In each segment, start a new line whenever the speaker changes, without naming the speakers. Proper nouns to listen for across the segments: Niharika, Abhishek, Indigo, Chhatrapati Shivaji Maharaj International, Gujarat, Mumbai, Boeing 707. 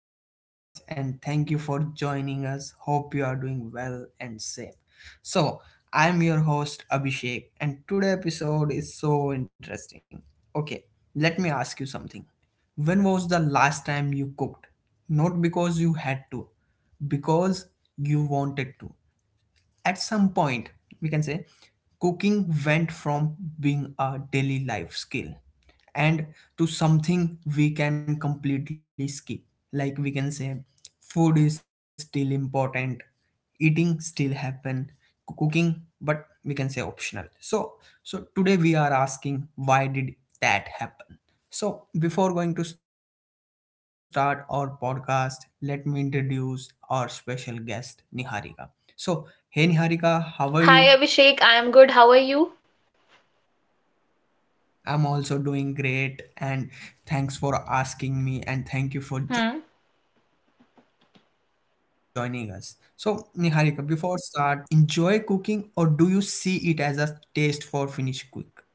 our podcast, and thank you for joining us. Hope you are doing well and safe. So, I'm your host Abhishek, and today episode is so interesting. Okay, let me ask you something. When was the last time you cooked? Not because you had to, because you wanted to. At some point, we can say cooking went from being a daily life skill and to something we can completely skip. Like we can say food is still important, eating still happen, cooking, but we can say optional. So today we are asking why did that happen? So, before going to start our podcast, let me introduce our special guest, Niharika. So, hey Niharika, how are you?
Hi Abhishek, I am good. How are you?
I'm also doing great, and thanks for asking me and thank you for
Hmm.
joining us. So, Niharika, before start our podcast, let me ask you, do you enjoy cooking or do you see it as a taste for finish quick?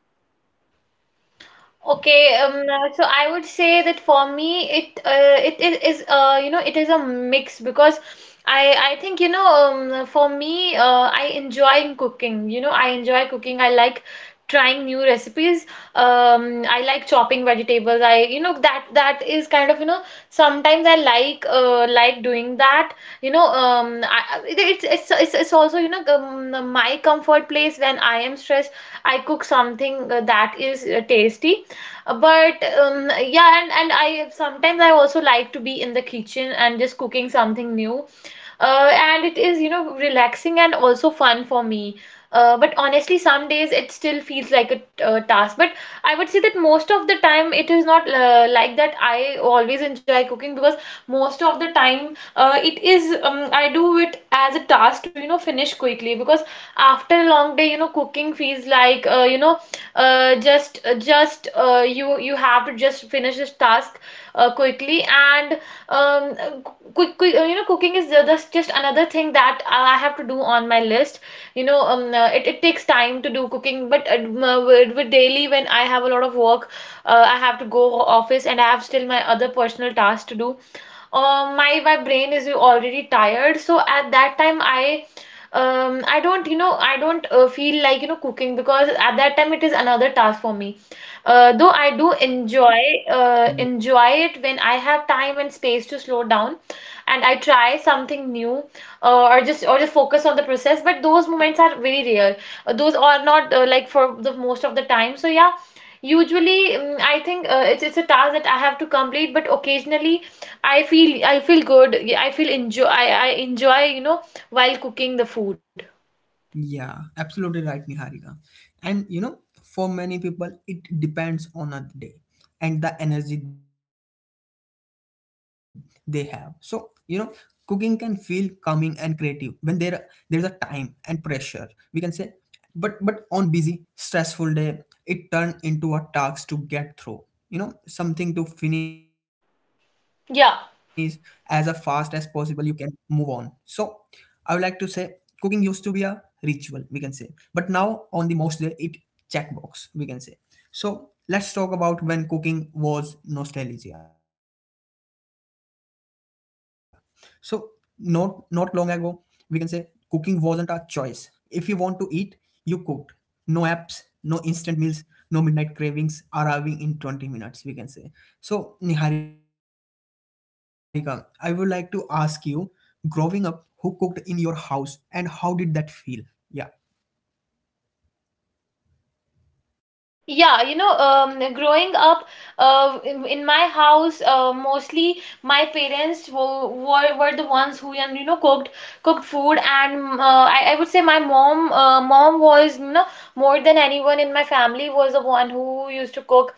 Okay, so I would say that for me, it is it is a mix because I think for me, I enjoy cooking. You know I enjoy cooking. I like trying new recipes. I like chopping vegetables. I you know that is kind of you know sometimes I like doing that. You know I- it, it's also you know my comfort place when I am stressed. I cook something that is tasty But yeah, and I sometimes I also like to be in the kitchen and just cooking something new. And it is, you know, relaxing and also fun for me. But honestly, some days it still feels like a task. But I would say that most of the time it is not like that. I always enjoy cooking because most of the time it is I do it as a task to you know finish quickly because after a long day you know cooking feels like you know just you you have to just finish this task quickly and uh, quick, quick you know cooking is that's just another thing that I have to do on my list you know it takes time to do cooking but with daily when I have a lot of work, I have to go office and I have still my other personal tasks to do. My brain is already tired, so at that time I, I don't you know I don't feel like you know cooking because at that time it is another task for me, though I do enjoy enjoy it when I have time and space to slow down and I try something new, or just or just focus on the process, but those moments are very rare. Those are not like for the most of the time, so yeah, usually I think it's a task that I have to complete, but occasionally I feel good. Yeah, I feel enjoy I enjoy, you know, while cooking the food.
Yeah, absolutely right, Niharika. And you know, for many people, it depends on a day and the energy they have. So, you know, cooking can feel calming and creative when there is a time and pressure. We can say, but on busy, stressful day, it turned into a task to get through. You know, something to finish as a fast as
Yeah.
possible you can move on. So I would like to say cooking used to be a ritual, we can say. But now on the most day it checkbox, we can say. So let's talk about when cooking was nostalgia. So not long ago, we can say cooking wasn't a choice. If you want to eat, you cooked no apps, no instant meals, no midnight cravings arriving in 20 minutes, we can say. So, Niharika, I would like to ask you, growing up, who cooked in your house and how did that feel? Yeah.
Yeah, you know, growing up in my house, mostly my parents were the ones who and you know cooked food, and I would say my mom was you know more than anyone in my family was the one who used to cook.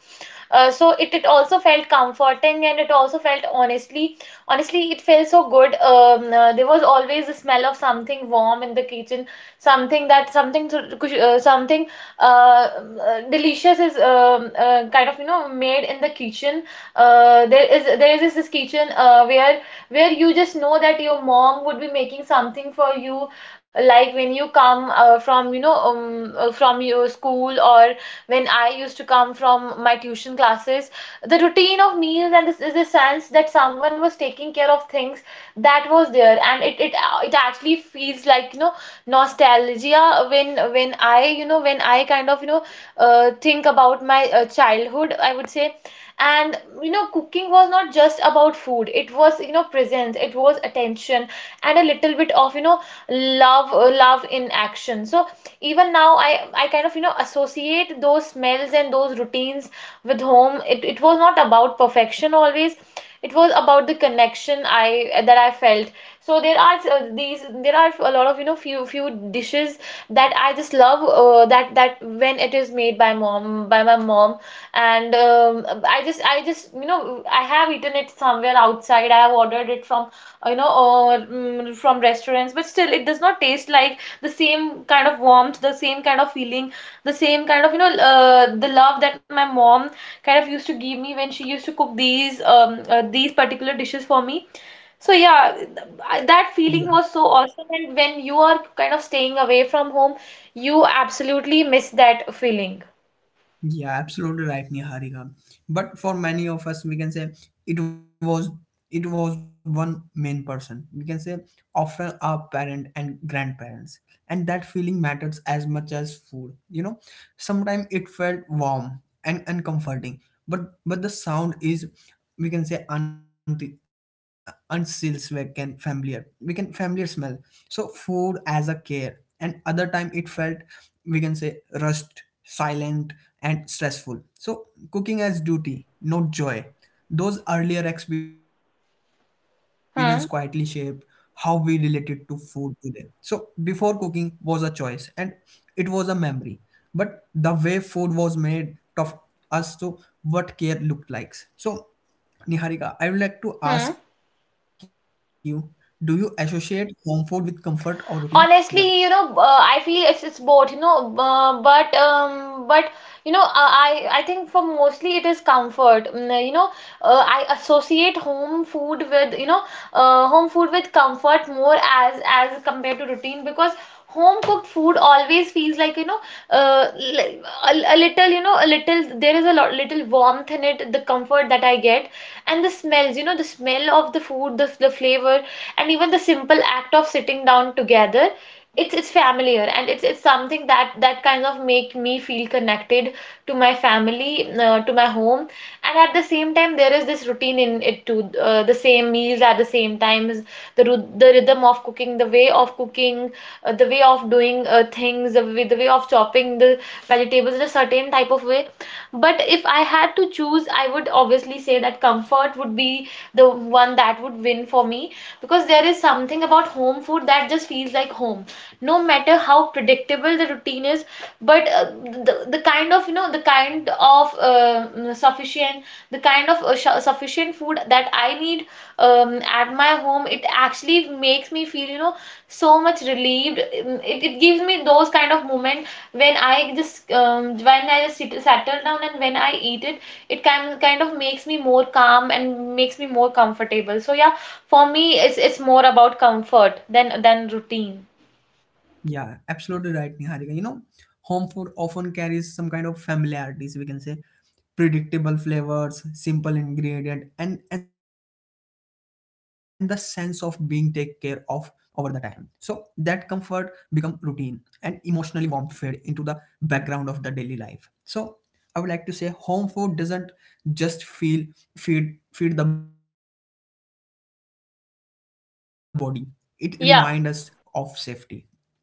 So it also felt comforting and it also felt honestly, it felt so good. There was always the smell of something warm in the kitchen, something that something to- kush- something delicious is kind of you know made in the kitchen. There is this kitchen where you just know that your mom would be making something for you, like when you come from you know from your school, or when I used to come from my tuition classes, the routine of meals and this is a sense that someone was taking care of things that was there, and it it actually feels like you know nostalgia when I you know when I kind of you know think about my childhood, I would say. And you know cooking was not just about food, it was you know presence, it was attention, and a little bit of you know love, love in action. So even now I kind of you know associate those smells and those routines with home. It was not about perfection always. It was about the connection I that I felt. So there are a lot of you know few dishes that I just love that when it is made by my mom, and I just, you know, I have eaten it somewhere outside. I have ordered it from, you know, from restaurants, but still, it does not taste like the same kind of warmth, the same kind of feeling, the same kind of, you know, the love that my mom kind of used to give me when she used to cook these particular dishes for me. So yeah, that feeling was so awesome, and when you are kind of staying away from home, you absolutely miss that feeling.
Yeah, absolutely right, Niharika. But for many of us, we can say, it was it was one main person. We can say often our parent and grandparents, and that feeling matters as much as food. You know, sometimes it felt warm and uncomforting, but the sound is, we can say, unseals, we can familiar, we can familiar smell, so food as a care, and other time it felt, we can say, rushed silent and stressful, so cooking as
Yeah.
duty not joy. Those earlier experience quietly shaped how we related
Hmm.
to food today. So before cooking was a choice and it was a memory, but the way food was made taught us to what care looked like. So Niharika, I would like to ask you, do you
Hmm.
associate home food with comfort or routine? Yeah.
Honestly you know, I feel it's both you know, but you know I think for mostly it is comfort. Mm, you know, I associate home food with you know home food with comfort more as compared to routine because home cooked food always feels like you know, uh, a little you know a little, there is a lot little warmth in it, the comfort that I get and the smells, you know, the smell of the food, the flavor, and even the simple act of sitting down together. It's familiar and it's something that that kind of make me feel connected to my family, to my home. And at the same time there is this routine in it too, the same meals at the same times, the rhythm of cooking, the way of cooking, the way of doing things, the way of chopping the vegetables in a certain type of way. But if I had to choose, I would obviously say that comfort would be the one that would win for me, because there is something about home food that just feels like home. No matter how predictable the routine is, but the kind of, you know, the kind of the kind of sufficient food that I need at my home, it actually makes me feel, you know, so much relieved. Mm, it gives me those kind of moment when I just when I just sit, settle down and when I eat it, it kind of makes me more calm and makes me more comfortable. So yeah, for me it's more about comfort than routine.
Yeah, absolutely right, Niharika. You know, home food often carries some kind of familiarities, we can say, predictable flavors, simple ingredient, and the sense of being taken care of over the time. So that comfort become routine, and emotionally warmth fade into the background of the daily life. So I would like to say home food doesn't just feel feed the body. It reminds us of safety even when it
Yeah.
becomes ordinary. So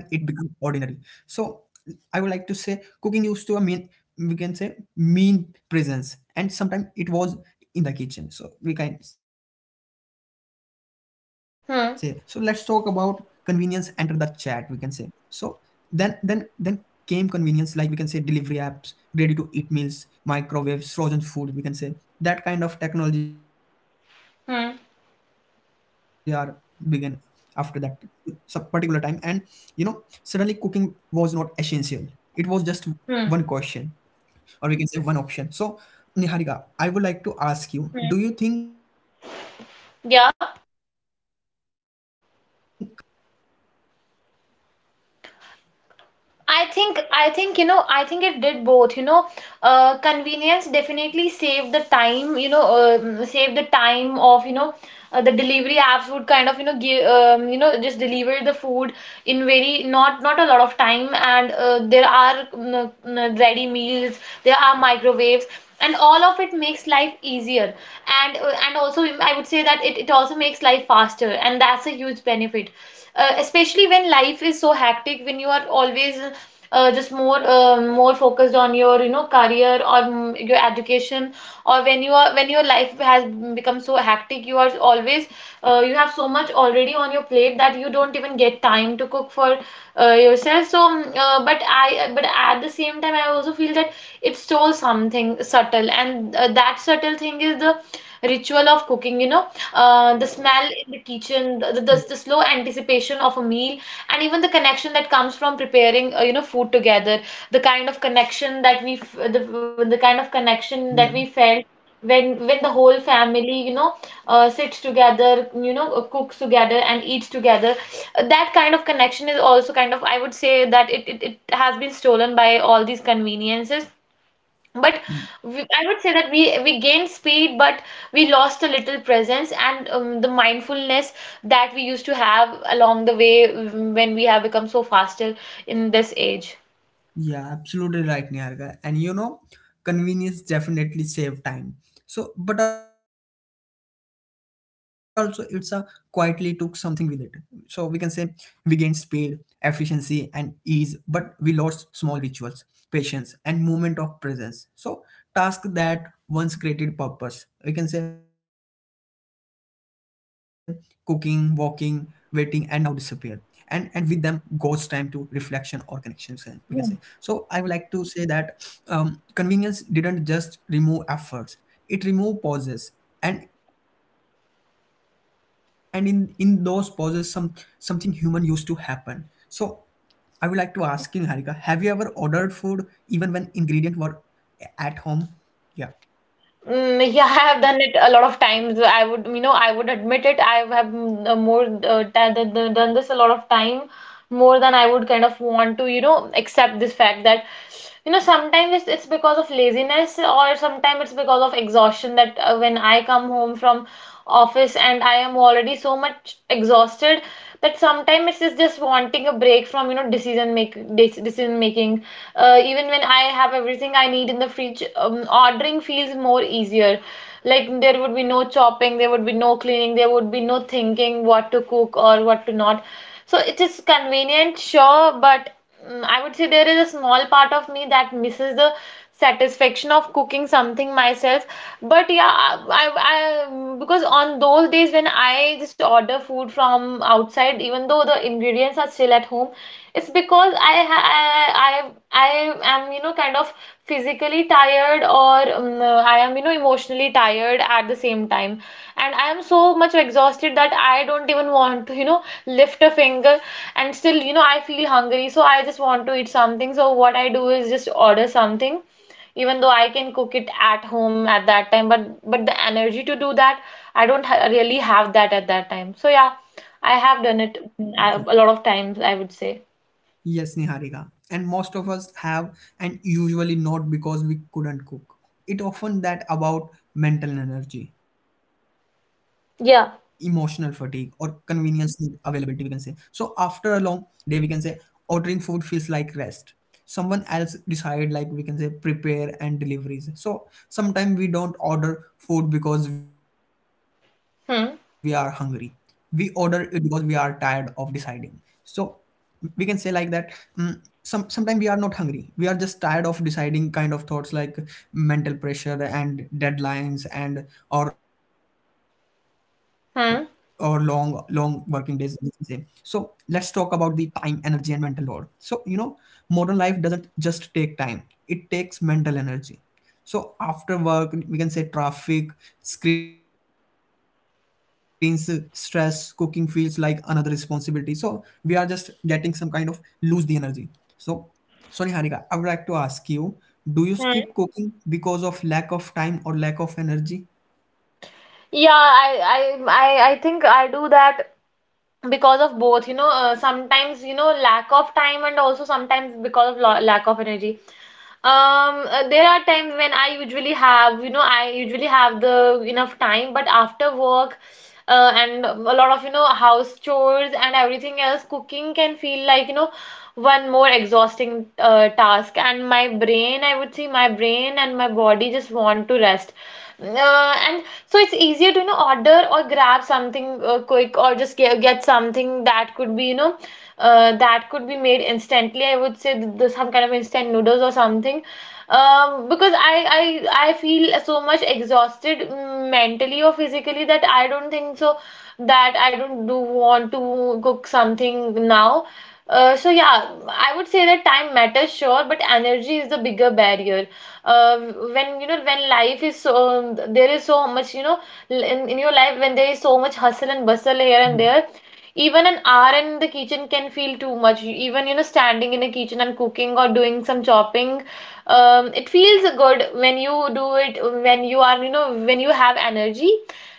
I would like to say cooking used to a mean, we can say, mean presence, and sometimes it was in the kitchen. So we can say, so let's talk about convenience enter the chat, we can
Hmm.
say. So then came convenience, like we can say delivery apps, ready to eat meals, microwaves, frozen food, we can say. That kind of technology are began after that
Hmm.
some particular time, and you know, suddenly cooking was not essential, it was just one question, or we
Hmm.
can say one option. So Niharika, I would like to ask you, do you
Hmm.
think convenience saved the time or
Yeah,
stole something else? yeah
I think you know I think it did both, you know. Convenience definitely save the time, you know, save the time of you know, the delivery apps would kind of you know give you know just deliver the food in very not not a lot of time. And there are ready meals, there are microwaves, and all of it makes life easier. And also I would say that it also makes life faster, and that's a huge benefit, especially when life is so hectic, when you are always just more more focused on your you know career, or your education, or when you are when your life has become so hectic, you are always you have so much already on your plate that you don't even get time to cook for yourself. So but I, but at the same time, I also feel that it stole something subtle, and that subtle thing is the ritual of cooking, you know, the
yeah
smell in the kitchen, the slow anticipation of a meal, and even the connection that comes from preparing you know food together, the kind of connection that we felt when the whole family you know sits together, you know, cooks together and eats together. That kind of connection is also kind of I would say that it has been stolen by all these conveniences. But
yeah
we, I would say that we gained speed, but we lost a little presence, and the mindfulness that we used to have along the way, mm, when we have become so faster in this age.
Yeah, absolutely right, Niharika. And you know, convenience definitely save time. So, but also it's a quietly took something with it. So we can say we gained speed, efficiency, and ease, but we lost small rituals, patience, and moment of presence. So task that once created purpose, we can say, cooking, walking, waiting, and now disappear, and with them goes time to reflection or connection, we can say. So I would like
Yeah.
to say that convenience didn't just remove efforts, it removed pauses, and in those pauses some something human used to happen. So I would like to ask you, Niharika, have you ever ordered food even when ingredient were at home? Yeah.
Mm, yeah, I have done it a lot of times. I would, you know, I would admit it. I have mm, more ta- th- th- done this a lot of time, more than I would kind of want to, you know, accept this fact that, you know, sometimes it's because of laziness, or sometimes it's because of exhaustion, that when I come home from office and I am already so much exhausted, that sometimes it's just wanting a break from you know decision decision making. Even when I have everything I need in the fridge, ordering feels more easier. Like there would be no chopping, there would be no cleaning, there would be no thinking what to cook or what to not. So it is convenient, sure, but I would say there is a small part of me that misses the satisfaction of cooking something myself, but yeah, I because on those days when I just order food from outside, even though the ingredients are still at home, it's because I ha- I am, you know, kind of physically tired, or I am, you know, emotionally tired at the same time, and I am so much exhausted that I don't even want to, you know, lift a finger. And still, you know, I feel hungry, so I just want to eat something, so what I do is just order something, even though I can cook it at home at that time. But the energy to do that, I don't ha really have that at that time. So yeah, I have done it a lot of times, I would say.
Yes, Niharika. And most of us have, and usually not because we couldn't cook. It often that about mental energy, emotional fatigue, or
Yeah.
convenience need availability, we can say. So after a long day, we can say, ordering food feels like rest. Someone else decide, like we can say, prepare and deliveries. So sometimes we don't order food because we are hungry. We order
Hmm.
it because we are tired of deciding. So we can say like that mm, some sometimes we are not hungry, we are just tired of deciding kind of thoughts, like mental pressure and deadlines and or long long working
Hmm.
days, we can say. So let's talk about the time energy and mental load. So you know modern life doesn't just take time, it takes mental energy. So after work, we can say, traffic, screens, stress, cooking feels like another responsibility. So we are just getting some kind of lose the energy. So sorry, Harika, I would like to ask you: do you skip
Hmm.
cooking because of lack of time or lack of energy?
Yeah, I think I do that because of both, you know. Sometimes, you know, lack of time, and also sometimes because of lo lack of energy. There are times when I usually have, you know, I usually have the enough time, but after work, and a lot of, you know, house chores and everything else, cooking can feel like, you know, one more exhausting task. And my brain, I would say, my brain and my body just want to rest. And so it's easier to, you know, order or grab something quick, or just get something that could be, you know, that could be made instantly. I would say some kind of instant noodles or something. Because I feel so much exhausted mentally or physically, that I don't think so that I don't do want to cook something now. So yeah, I would say that time matters, sure, but energy is the bigger barrier when, you know, when life is so there is so much, you know, in your life, when there is so much hustle and bustle here and there, even an hour in the kitchen can feel too much. Even, you know, standing in a kitchen and cooking or doing some chopping, it feels good when you do it, when you are, you know, when you have energy,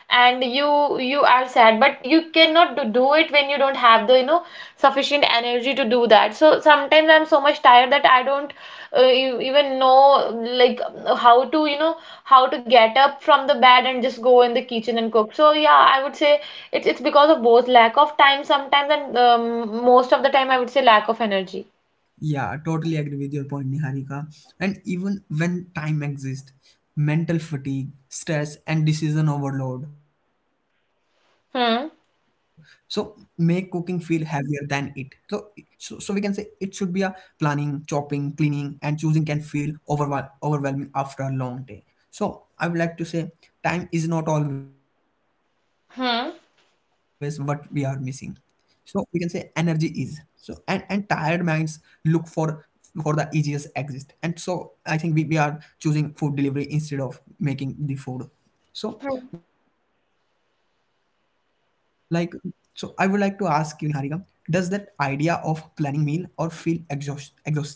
and you are sad, but you cannot do it when you don't have the, you know, sufficient energy to do that. So sometimes I'm so much tired that I don't even know, like, how to, you know, how to get up from the bed and just go in the kitchen and cook. So yeah, I would say it's because of both lack of time sometimes, and most of the time, I would say, lack of energy.
Yeah, totally agree with your point, Niharika. And even when time exists, mental fatigue, stress, and decision overload. So make cooking feel
Hmm.
heavier than it. So, we can say it should be a planning, chopping, cleaning, and choosing can feel overwhelming after a long day. So I would like to say time is not always what we are missing. So
Hmm.
we can say energy is. So and tired minds look for the easiest exit. And so I think we are choosing food delivery instead of making the food. So like so I would like to ask you, Niharika, does that idea of planning meal or feel exhausting? Yeah.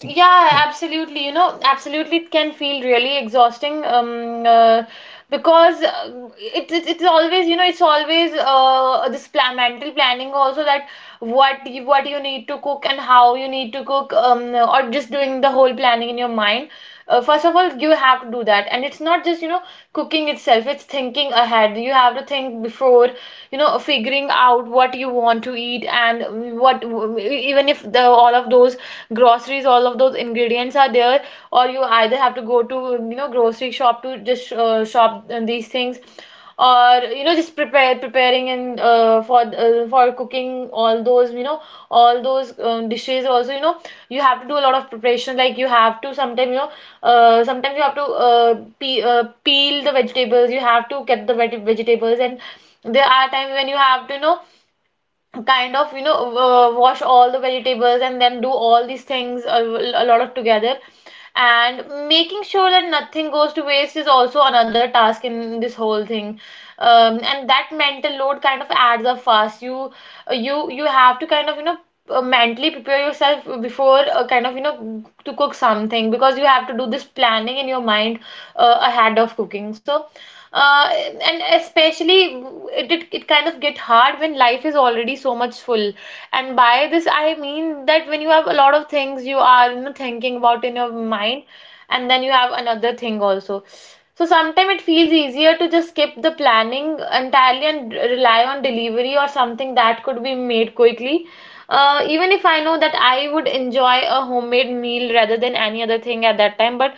Yeah, absolutely. You know, absolutely, it can feel really exhausting. Because it's always, you know, it's always this plan mental planning also, that what you need to cook and how you need to cook, um, or just doing the whole planning in your mind. First of all, you have to do that, and it's not just, you know, cooking itself, it's thinking ahead. You have to think before, you know, figuring out what you want to eat, and what, even if the all of those groceries, all of those ingredients are there, or you either have to go to, you know, grocery shop to just shop these things, or, you know, just prepare preparing and for cooking all those, you know, all those dishes also, you know, you have to do a lot of preparation. Like you have to sometimes, you know, sometimes you have to pe peel the vegetables, you have to get the vegetables. And there are times when you have to, you know, kind of, you know, wash all the vegetables and then do all these things, a lot of together. And making sure that nothing goes to waste is also another task in this whole thing. And that mental load kind of adds up fast. You have to kind of, you know, mentally prepare yourself before, kind of, you know, to cook something, because you have to do this planning in your mind ahead of cooking. So uh, and especially, it kind of get hard when life is already so much full. And by this, I mean that when you have a lot of things you are, you know, thinking about in your mind, and then you have another thing also, so sometimes it feels easier to just skip the planning entirely and rely on delivery or something that could be made quickly. Even if I know that I would enjoy a homemade meal rather than any other thing at that time, but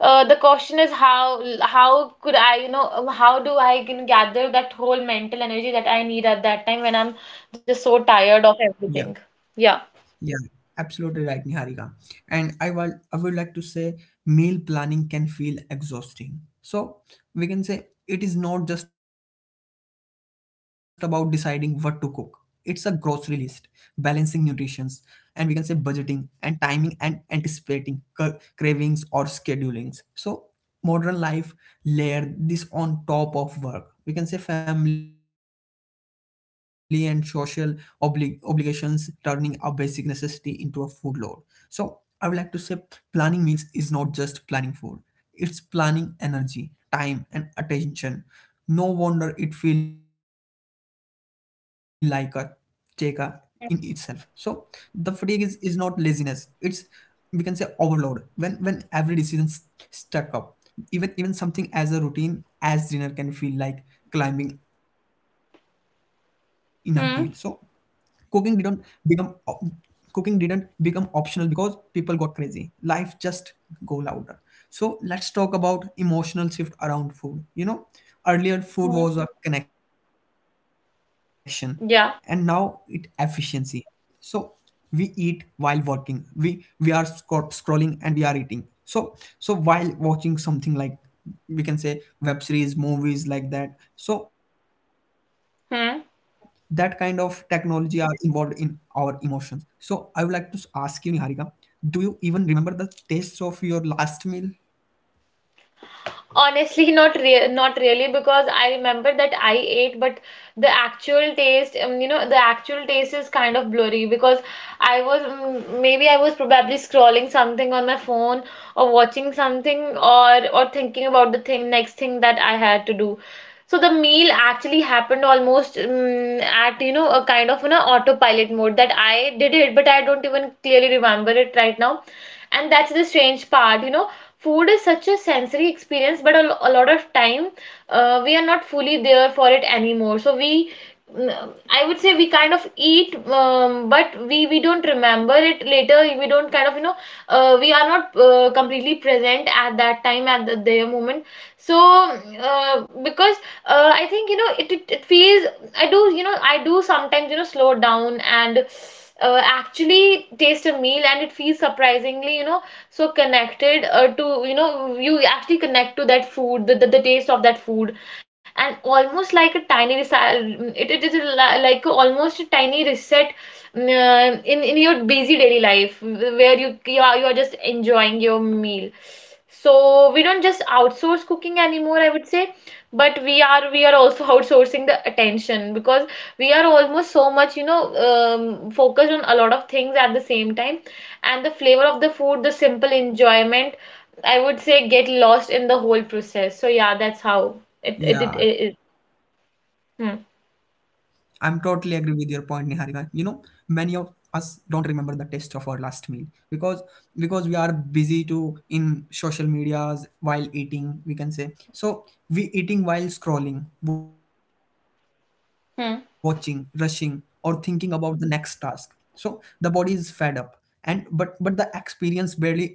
the question is how could I, you know, how do I can gather that whole mental energy that I need at that time, when I'm just
Yeah.
so tired of everything? Yeah.
Yeah, absolutely right, Niharika. And I would like to say meal planning can feel exhausting. So we can say it is not just about deciding what to cook. It's a grocery list, balancing nutritions, and we can say budgeting and timing and anticipating cravings or schedulings. So modern life layer this on top of work, we can say, family and social obligations, turning a basic necessity into a food load. So I would like to say planning meals is not just planning food, it's planning energy time and attention. No wonder it feel like a take a in itself. So the fatigue is not laziness, it's, we can say, overload. When every decision stuck up, even even something as a routine as dinner can feel like climbing in a hill. So cooking didn't
Hmm.
become cooking didn't become optional because people got crazy life just go louder. So let's talk about emotional shift around food. You know, earlier food was a connection, and now it
Yeah.
efficiency. So we eat while working, we are scrolling and we are eating. So so while watching something, like we can say, web series, movies, like that. So that kind of technology
Hmm.
are involved in our emotions. So I would like to ask you, Niharika, do you even remember the taste of your last meal?
Honestly, not really, because I remember that I ate, but the actual taste, you know, the actual taste is kind of blurry, because I was maybe I was probably scrolling something on my phone, or watching something, or thinking about the thing next thing that I had to do. So the meal actually happened almost at, you know, a kind of, you know, autopilot mode, that I did it, but I don't even clearly remember it right now. And that's the strange part, you know, food is such a sensory experience, but a lot of time, we are not fully there for it anymore. So we, I would say we kind of eat, but we don't remember it later, we don't kind of, you know, we are not completely present at that time, at the, their moment. So because I think, you know, it feels, I do, you know, I do sometimes, you know, slow down and actually taste a meal, and it feels surprisingly, you know, so connected to, you know, you actually connect to that food, the taste of that food, and almost like a tiny reset. It is like almost a tiny reset in your busy daily life, where you, you are just enjoying your meal. So we don't just outsource cooking anymore, I would say, but we are also outsourcing the attention, because we are almost so much, you know, focused on a lot of things at the same time, and the flavor of the food, the simple enjoyment, I would say, get lost in the whole process. So yeah, that's how it
Yeah. I'm totally
hmm.
agree with your point, Niharika. You know, many of us don't remember the taste of our last meal because because we are busy to in social medias while eating, we can say. So we eating while scrolling, watching, rushing, or thinking about the next task. So the body is fed up, and but the experience barely register, we can say.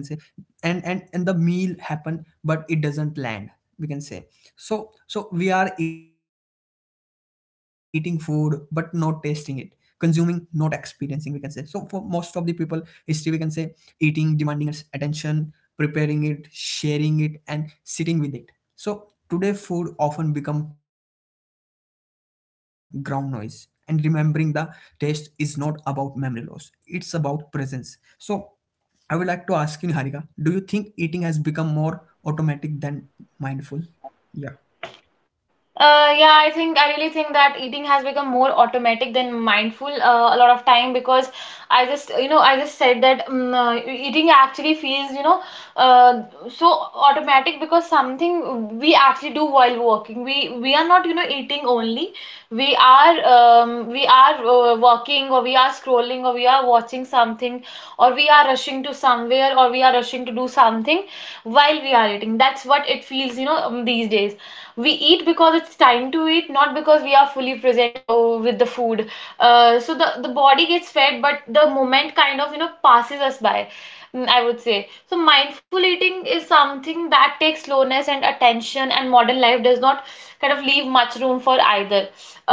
And and the meal happen but it doesn't land, we can say. So so we are eating food but not tasting it, consuming not experiencing, we can say. So for most of the people history, we can say, eating demanding its attention, preparing it, sharing it, and sitting with it. So today food often become ground noise, and remembering the taste is not about memory loss, it's about presence. So I would like to ask you, Niharika, do you think eating has become more automatic than mindful? Yeah,
Yeah, I think I really think that eating has become more automatic than mindful a lot of time, because I just, you know, I just said that eating actually feels, you know, uh, so automatic, because something we actually do while working. We are not, you know, eating only, we are working, or we are scrolling, or we are watching something, or we are rushing to somewhere, or we are rushing to do something while we are eating. That's what it feels, you know, these days. We eat because it's time to eat, not because we are fully present with the food. So the body gets fed, but the moment kind of, you know, passes us by, I would say. So mindful eating is something that takes slowness and attention, and modern life does not kind of leave much room for either.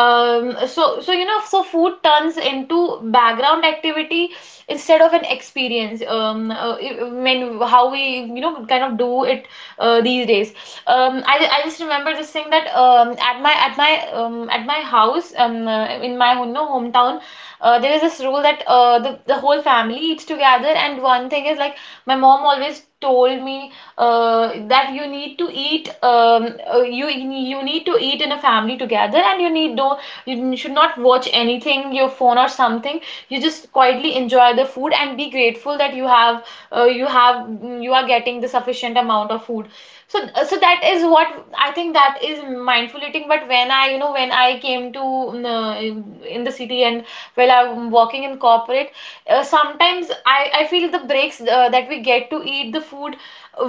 So you know, so food turns into background activity instead of an experience. When how we, you know, kind of do it these days. I just remember this thing, that at my house, in my, you know, hometown. There is this rule that the whole family eats together, and one thing is like my mom always told me that you need to eat, you need to eat in a family together, and you need no. You should not watch anything your phone or something. You just quietly enjoy the food and be grateful that you have uh, you have you are not getting the sufficient amount of food. So so that is what I think that is mindful eating. But when I when I came to the city and while I'm working in corporate, sometimes I feel the breaks that we get to eat the food,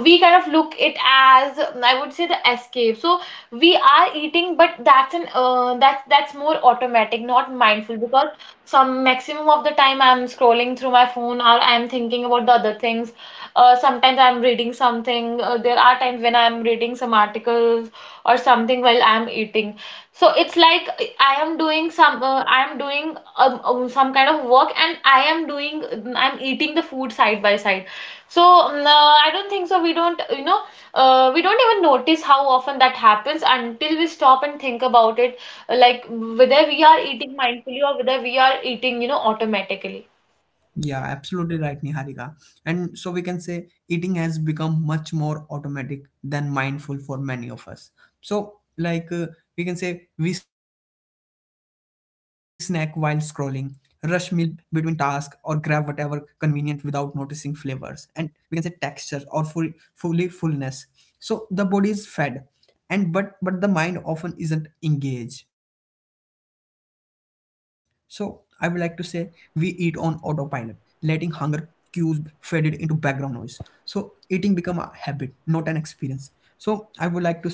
we kind of look it as, I would say, the escape. So we are eating, but that's an that's more automatic, not mindful, because some maximum of the time I'm scrolling through my phone or I'm thinking about the other things. Sometimes I'm reading something. There are times when I'm reading some articles or something while I'm eating. So it's like I am doing some, I am doing some kind of work and I am doing, I'm eating the food side by side. So I don't think so. We don't, we don't even notice how often that happens until we stop and think about it, like whether we are eating mindfully or whether we are eating, automatically.
yeah, absolutely right, Niharika. And so we can say eating has become much more automatic than mindful for many of us. So, like, uh, we can say we snack while scrolling, rush meal between tasks or grab whatever convenient without noticing flavors and we can say texture or fullness. So the body is fed, and but the mind often isn't engaged. So I would like to say we eat on autopilot, letting hunger cues faded into background noise. So eating become a habit, not an experience. So I would like to say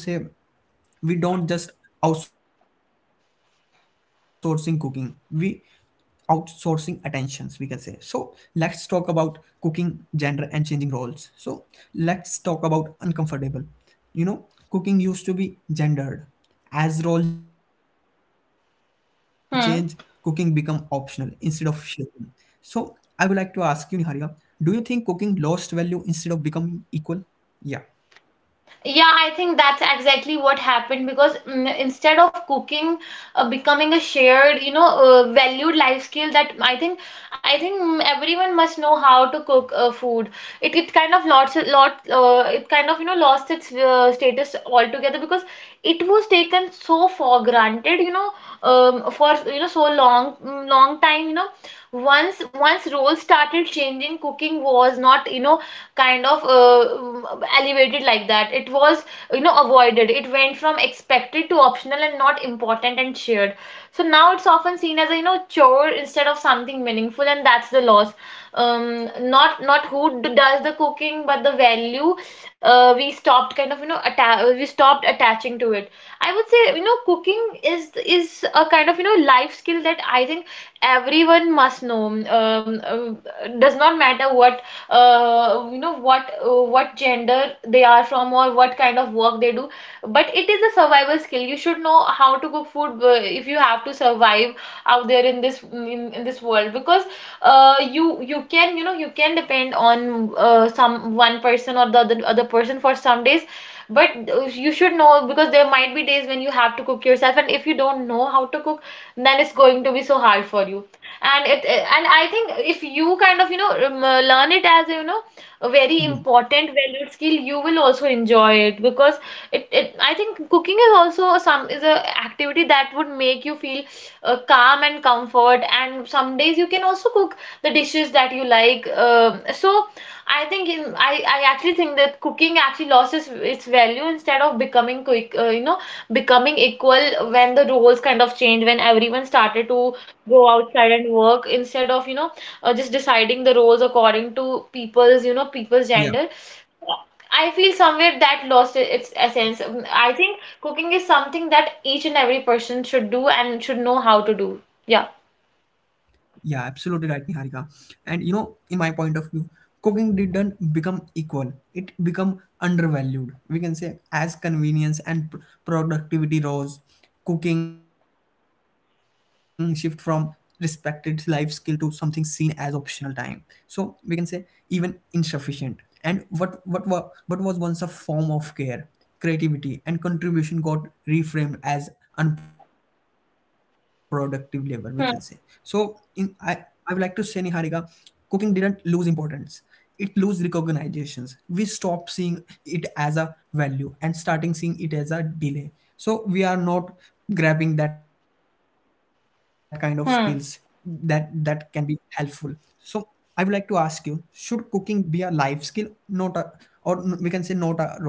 we don't just outsourcing cooking, we outsourcing attentions, we can say. So let's talk about cooking, gender and changing roles. So let's talk about uncomfortable, you know, cooking used to be gendered. As role change, cooking become optional instead of
Hmm.
shaping. So I would like to ask you, Niharika, do you think cooking lost value instead of becoming equal? yeah
Yeah, I think that's exactly what happened because, instead of cooking becoming a shared, you know, valued life skill, that I think I think everyone must know how to cook food. It kind of lost lot it kind of, you know, lost its status altogether, because it was taken so for granted, you know, for, you know, so long time, you know. Once roles started changing, cooking was not, you know, kind of elevated like that. It was, you know, avoided. It went from expected to optional and not important and shared. So now it's often seen as a, you know, chore instead of something meaningful, and that's the loss. Not not who does the cooking, but the value we stopped kind of, you know, we stopped attaching to it. I would say, you know, cooking is a kind of, you know, life skill that I think everyone must know. Does not matter what you know, what gender they are from or what kind of work they do. But it is a survival skill. You should know how to cook food if you have to survive out there in this world. Because you, you can, you know, you can depend on some one person or the other person for some days. But you should know, because there might be days when you have to cook yourself, and if you don't know how to cook, then it's going to be so hard for you. And it, and I think if you kind of, you know, learn it as, you know, a very
yeah
important valued skill, you will also enjoy it. Because it, I think cooking is also some, is a activity that would make you feel calm and comfort, and some days you can also cook the dishes that you like. So I think I actually think that cooking actually lost its value instead of becoming quick, you know, becoming equal, when the roles kind of changed, when everyone started to go outside and work instead of, you know, or just deciding the roles according to people's, you know, people's
Yeah.
gender. I feel somewhere that lost its essence. I think cooking is something that each and every person should do and should know how to do. Yeah.
Yeah, absolutely right, Niharika. And you know, in my point of view, cooking didn't become equal. It become undervalued. We can say as convenience and productivity rose, cooking shift from respected life skill to something seen as optional time. So we can say even insufficient. And what was once a form of care, creativity and contribution got reframed as unproductive labor, we can say. so in
Hmm.
i i would like to say, Niharika, cooking didn't lose importance, it lose recognitions. We stop seeing it as a value and starting seeing it as a delay. So we are not grabbing that kind of skills that
Hmm.
can be helpful. So I would like to ask you, should cooking be a life skill, not a, or we can say, not a role?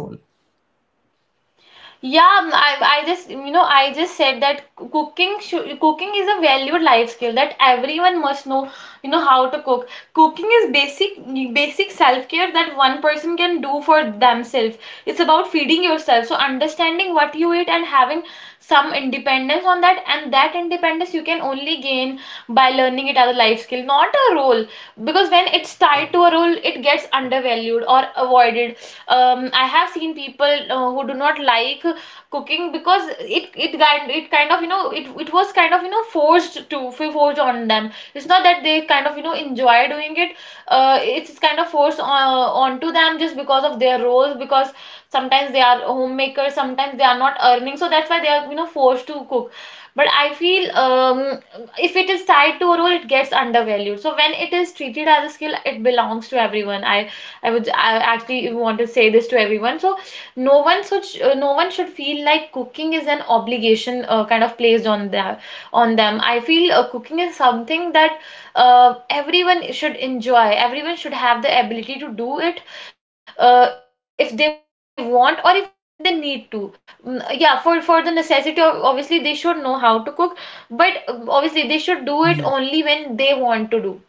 Yeah, I just, you know, I just said that cooking is a valued life skill that everyone must know, you know, how to cook. Cooking is basic, basic self-care that one person can do for themselves. It's about feeding yourself. So understanding what you eat and having some independence on that, and that independence you can only gain by learning it as a life skill, not a role. Because when it's tied to a role, it gets undervalued or avoided. I have seen people who do not like cooking because it kind of, you know, it was kind of, you know, forced on them. It's not that they kind of, you know, enjoy doing it. It's kind of onto them just because of their roles, because sometimes they are homemakers, sometimes they are not earning, so that's why they are, you know, forced to cook. But I feel, if it is tied to a role, it gets undervalued. So when it is treated as a skill, it belongs to everyone. I actually want to say this to everyone. So no one should feel like cooking is an obligation kind of placed on their on them. I feel cooking is something that everyone should enjoy. Everyone should have the ability to do it if they want or if they need to. Yeah, for the necessity of, obviously they should know how to cook, but obviously they should do it only when they want to do.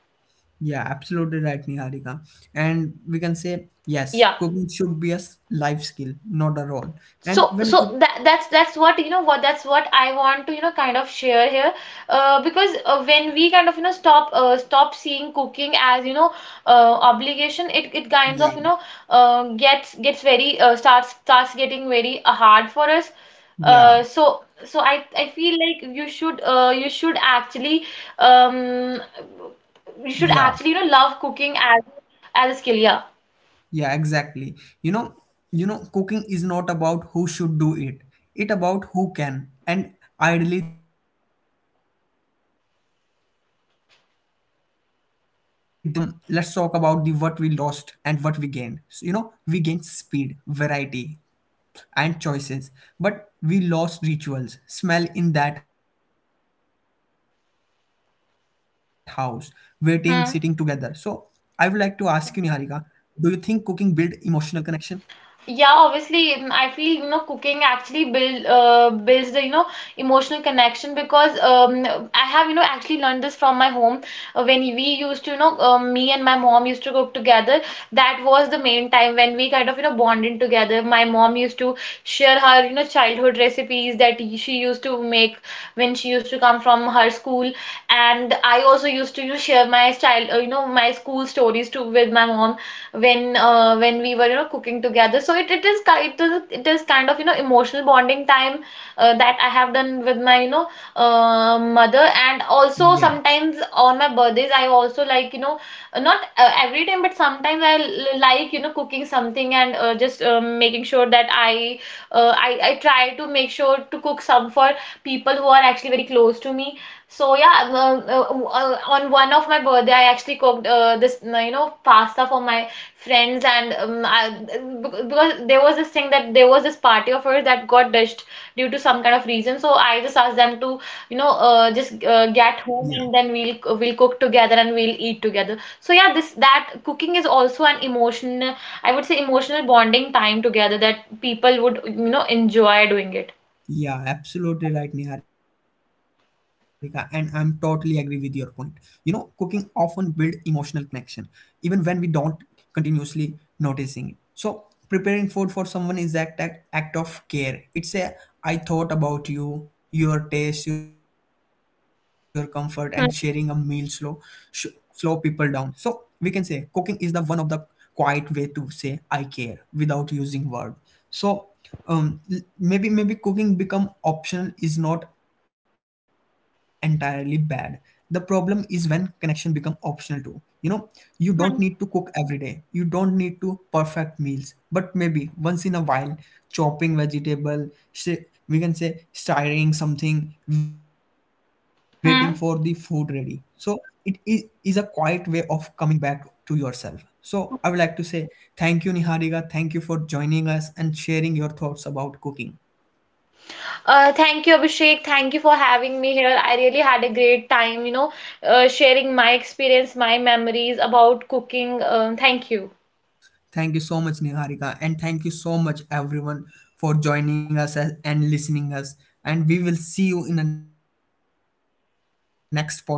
Yeah, absolutely right, Niharika. And we can say, yes,
Yeah,
cooking should be a life skill, not a role. And
so
when we-
that's what, you know, what that's what I want to, you know, kind of share here. Because when we kind of, you know, stop seeing cooking as, you know, obligation, it kinds
yeah,
of, you know, gets, gets very starts, starts getting very hard for us.
yeah,
So so I feel like you should, you should actually, um you
yeah,
should actually, you know, love cooking as a skill. Yeah.
yeah, exactly. You know, you know, cooking is not about who should do it. It about who can. And ideally, that's everything. So, we can say like, let's talk about the what we lost and what we gained. So, you know, we gained speed, variety, and choices. But we lost rituals, smell in that house, waiting, sitting together. So I would like to ask you, Niharika,
Hmm.
do you think cooking build emotional connection?
Yeah, obviously, I feel, you know, cooking actually builds the, you know, emotional connection. Because, I have, you know, actually learned this from my home, when we used to, you know, me and my mom used to cook together. That was the main time when we kind of, you know, bonded together. My mom used to share her, you know, childhood recipes that she used to make when she used to come from her school, and I also used to, you know, share my child you know, my school stories too with my mom when we were, you know, cooking together. So it is kind of, you know, emotional bonding time that I have done with my, you know,
Yeah,
mother. And also sometimes on my birthdays I also, like, you know, not every time, but sometimes I like, you know, cooking something and just making sure that I try to make sure to cook some for people who are actually very close to me. So yeah, on one of my birthday, I actually cooked this, you know, pasta for my friends. And because there was this thing that there was this party of hers that got ditched due to some kind of reason, so I just asked them to, you know,
yeah.
just get home, and then we'll cook together and we'll eat together. So yeah, this, that cooking is also an emotion, I would say emotional bonding time together that people would, you know, enjoy doing it.
Yeah, absolutely right, Niharika. And I'm totally agree with your point. You know, cooking often build emotional connection, even when we don't continuously noticing it. So preparing food for someone is that act of care. It's a I thought about you, your taste, your comfort, and sharing a meal slow,
Hmm.
sh- slow people down. So we can say cooking is the one of the quiet way to say I care without using word. So maybe maybe cooking become optional is not entirely bad, the problem is when connection become optional too. You know, you don't need
Hmm.
to cook every day, you don't need to perfect meals, but maybe once in a while chopping vegetable, we can say stirring something, waiting for the food ready.
Hmm.
So it is a quiet way of coming back to yourself. So I would like to say thank you, Niharika. Thank you for joining us and sharing your thoughts about cooking.
Thank you, Abhishek. Thank you for having me here. I really had a great time, you know, sharing my experience, my memories about cooking. Thank you.
Thank you so much, Niharika, and thank you so much everyone for joining us and listening us. And we will see you in the next podcast. Take care. Bye bye.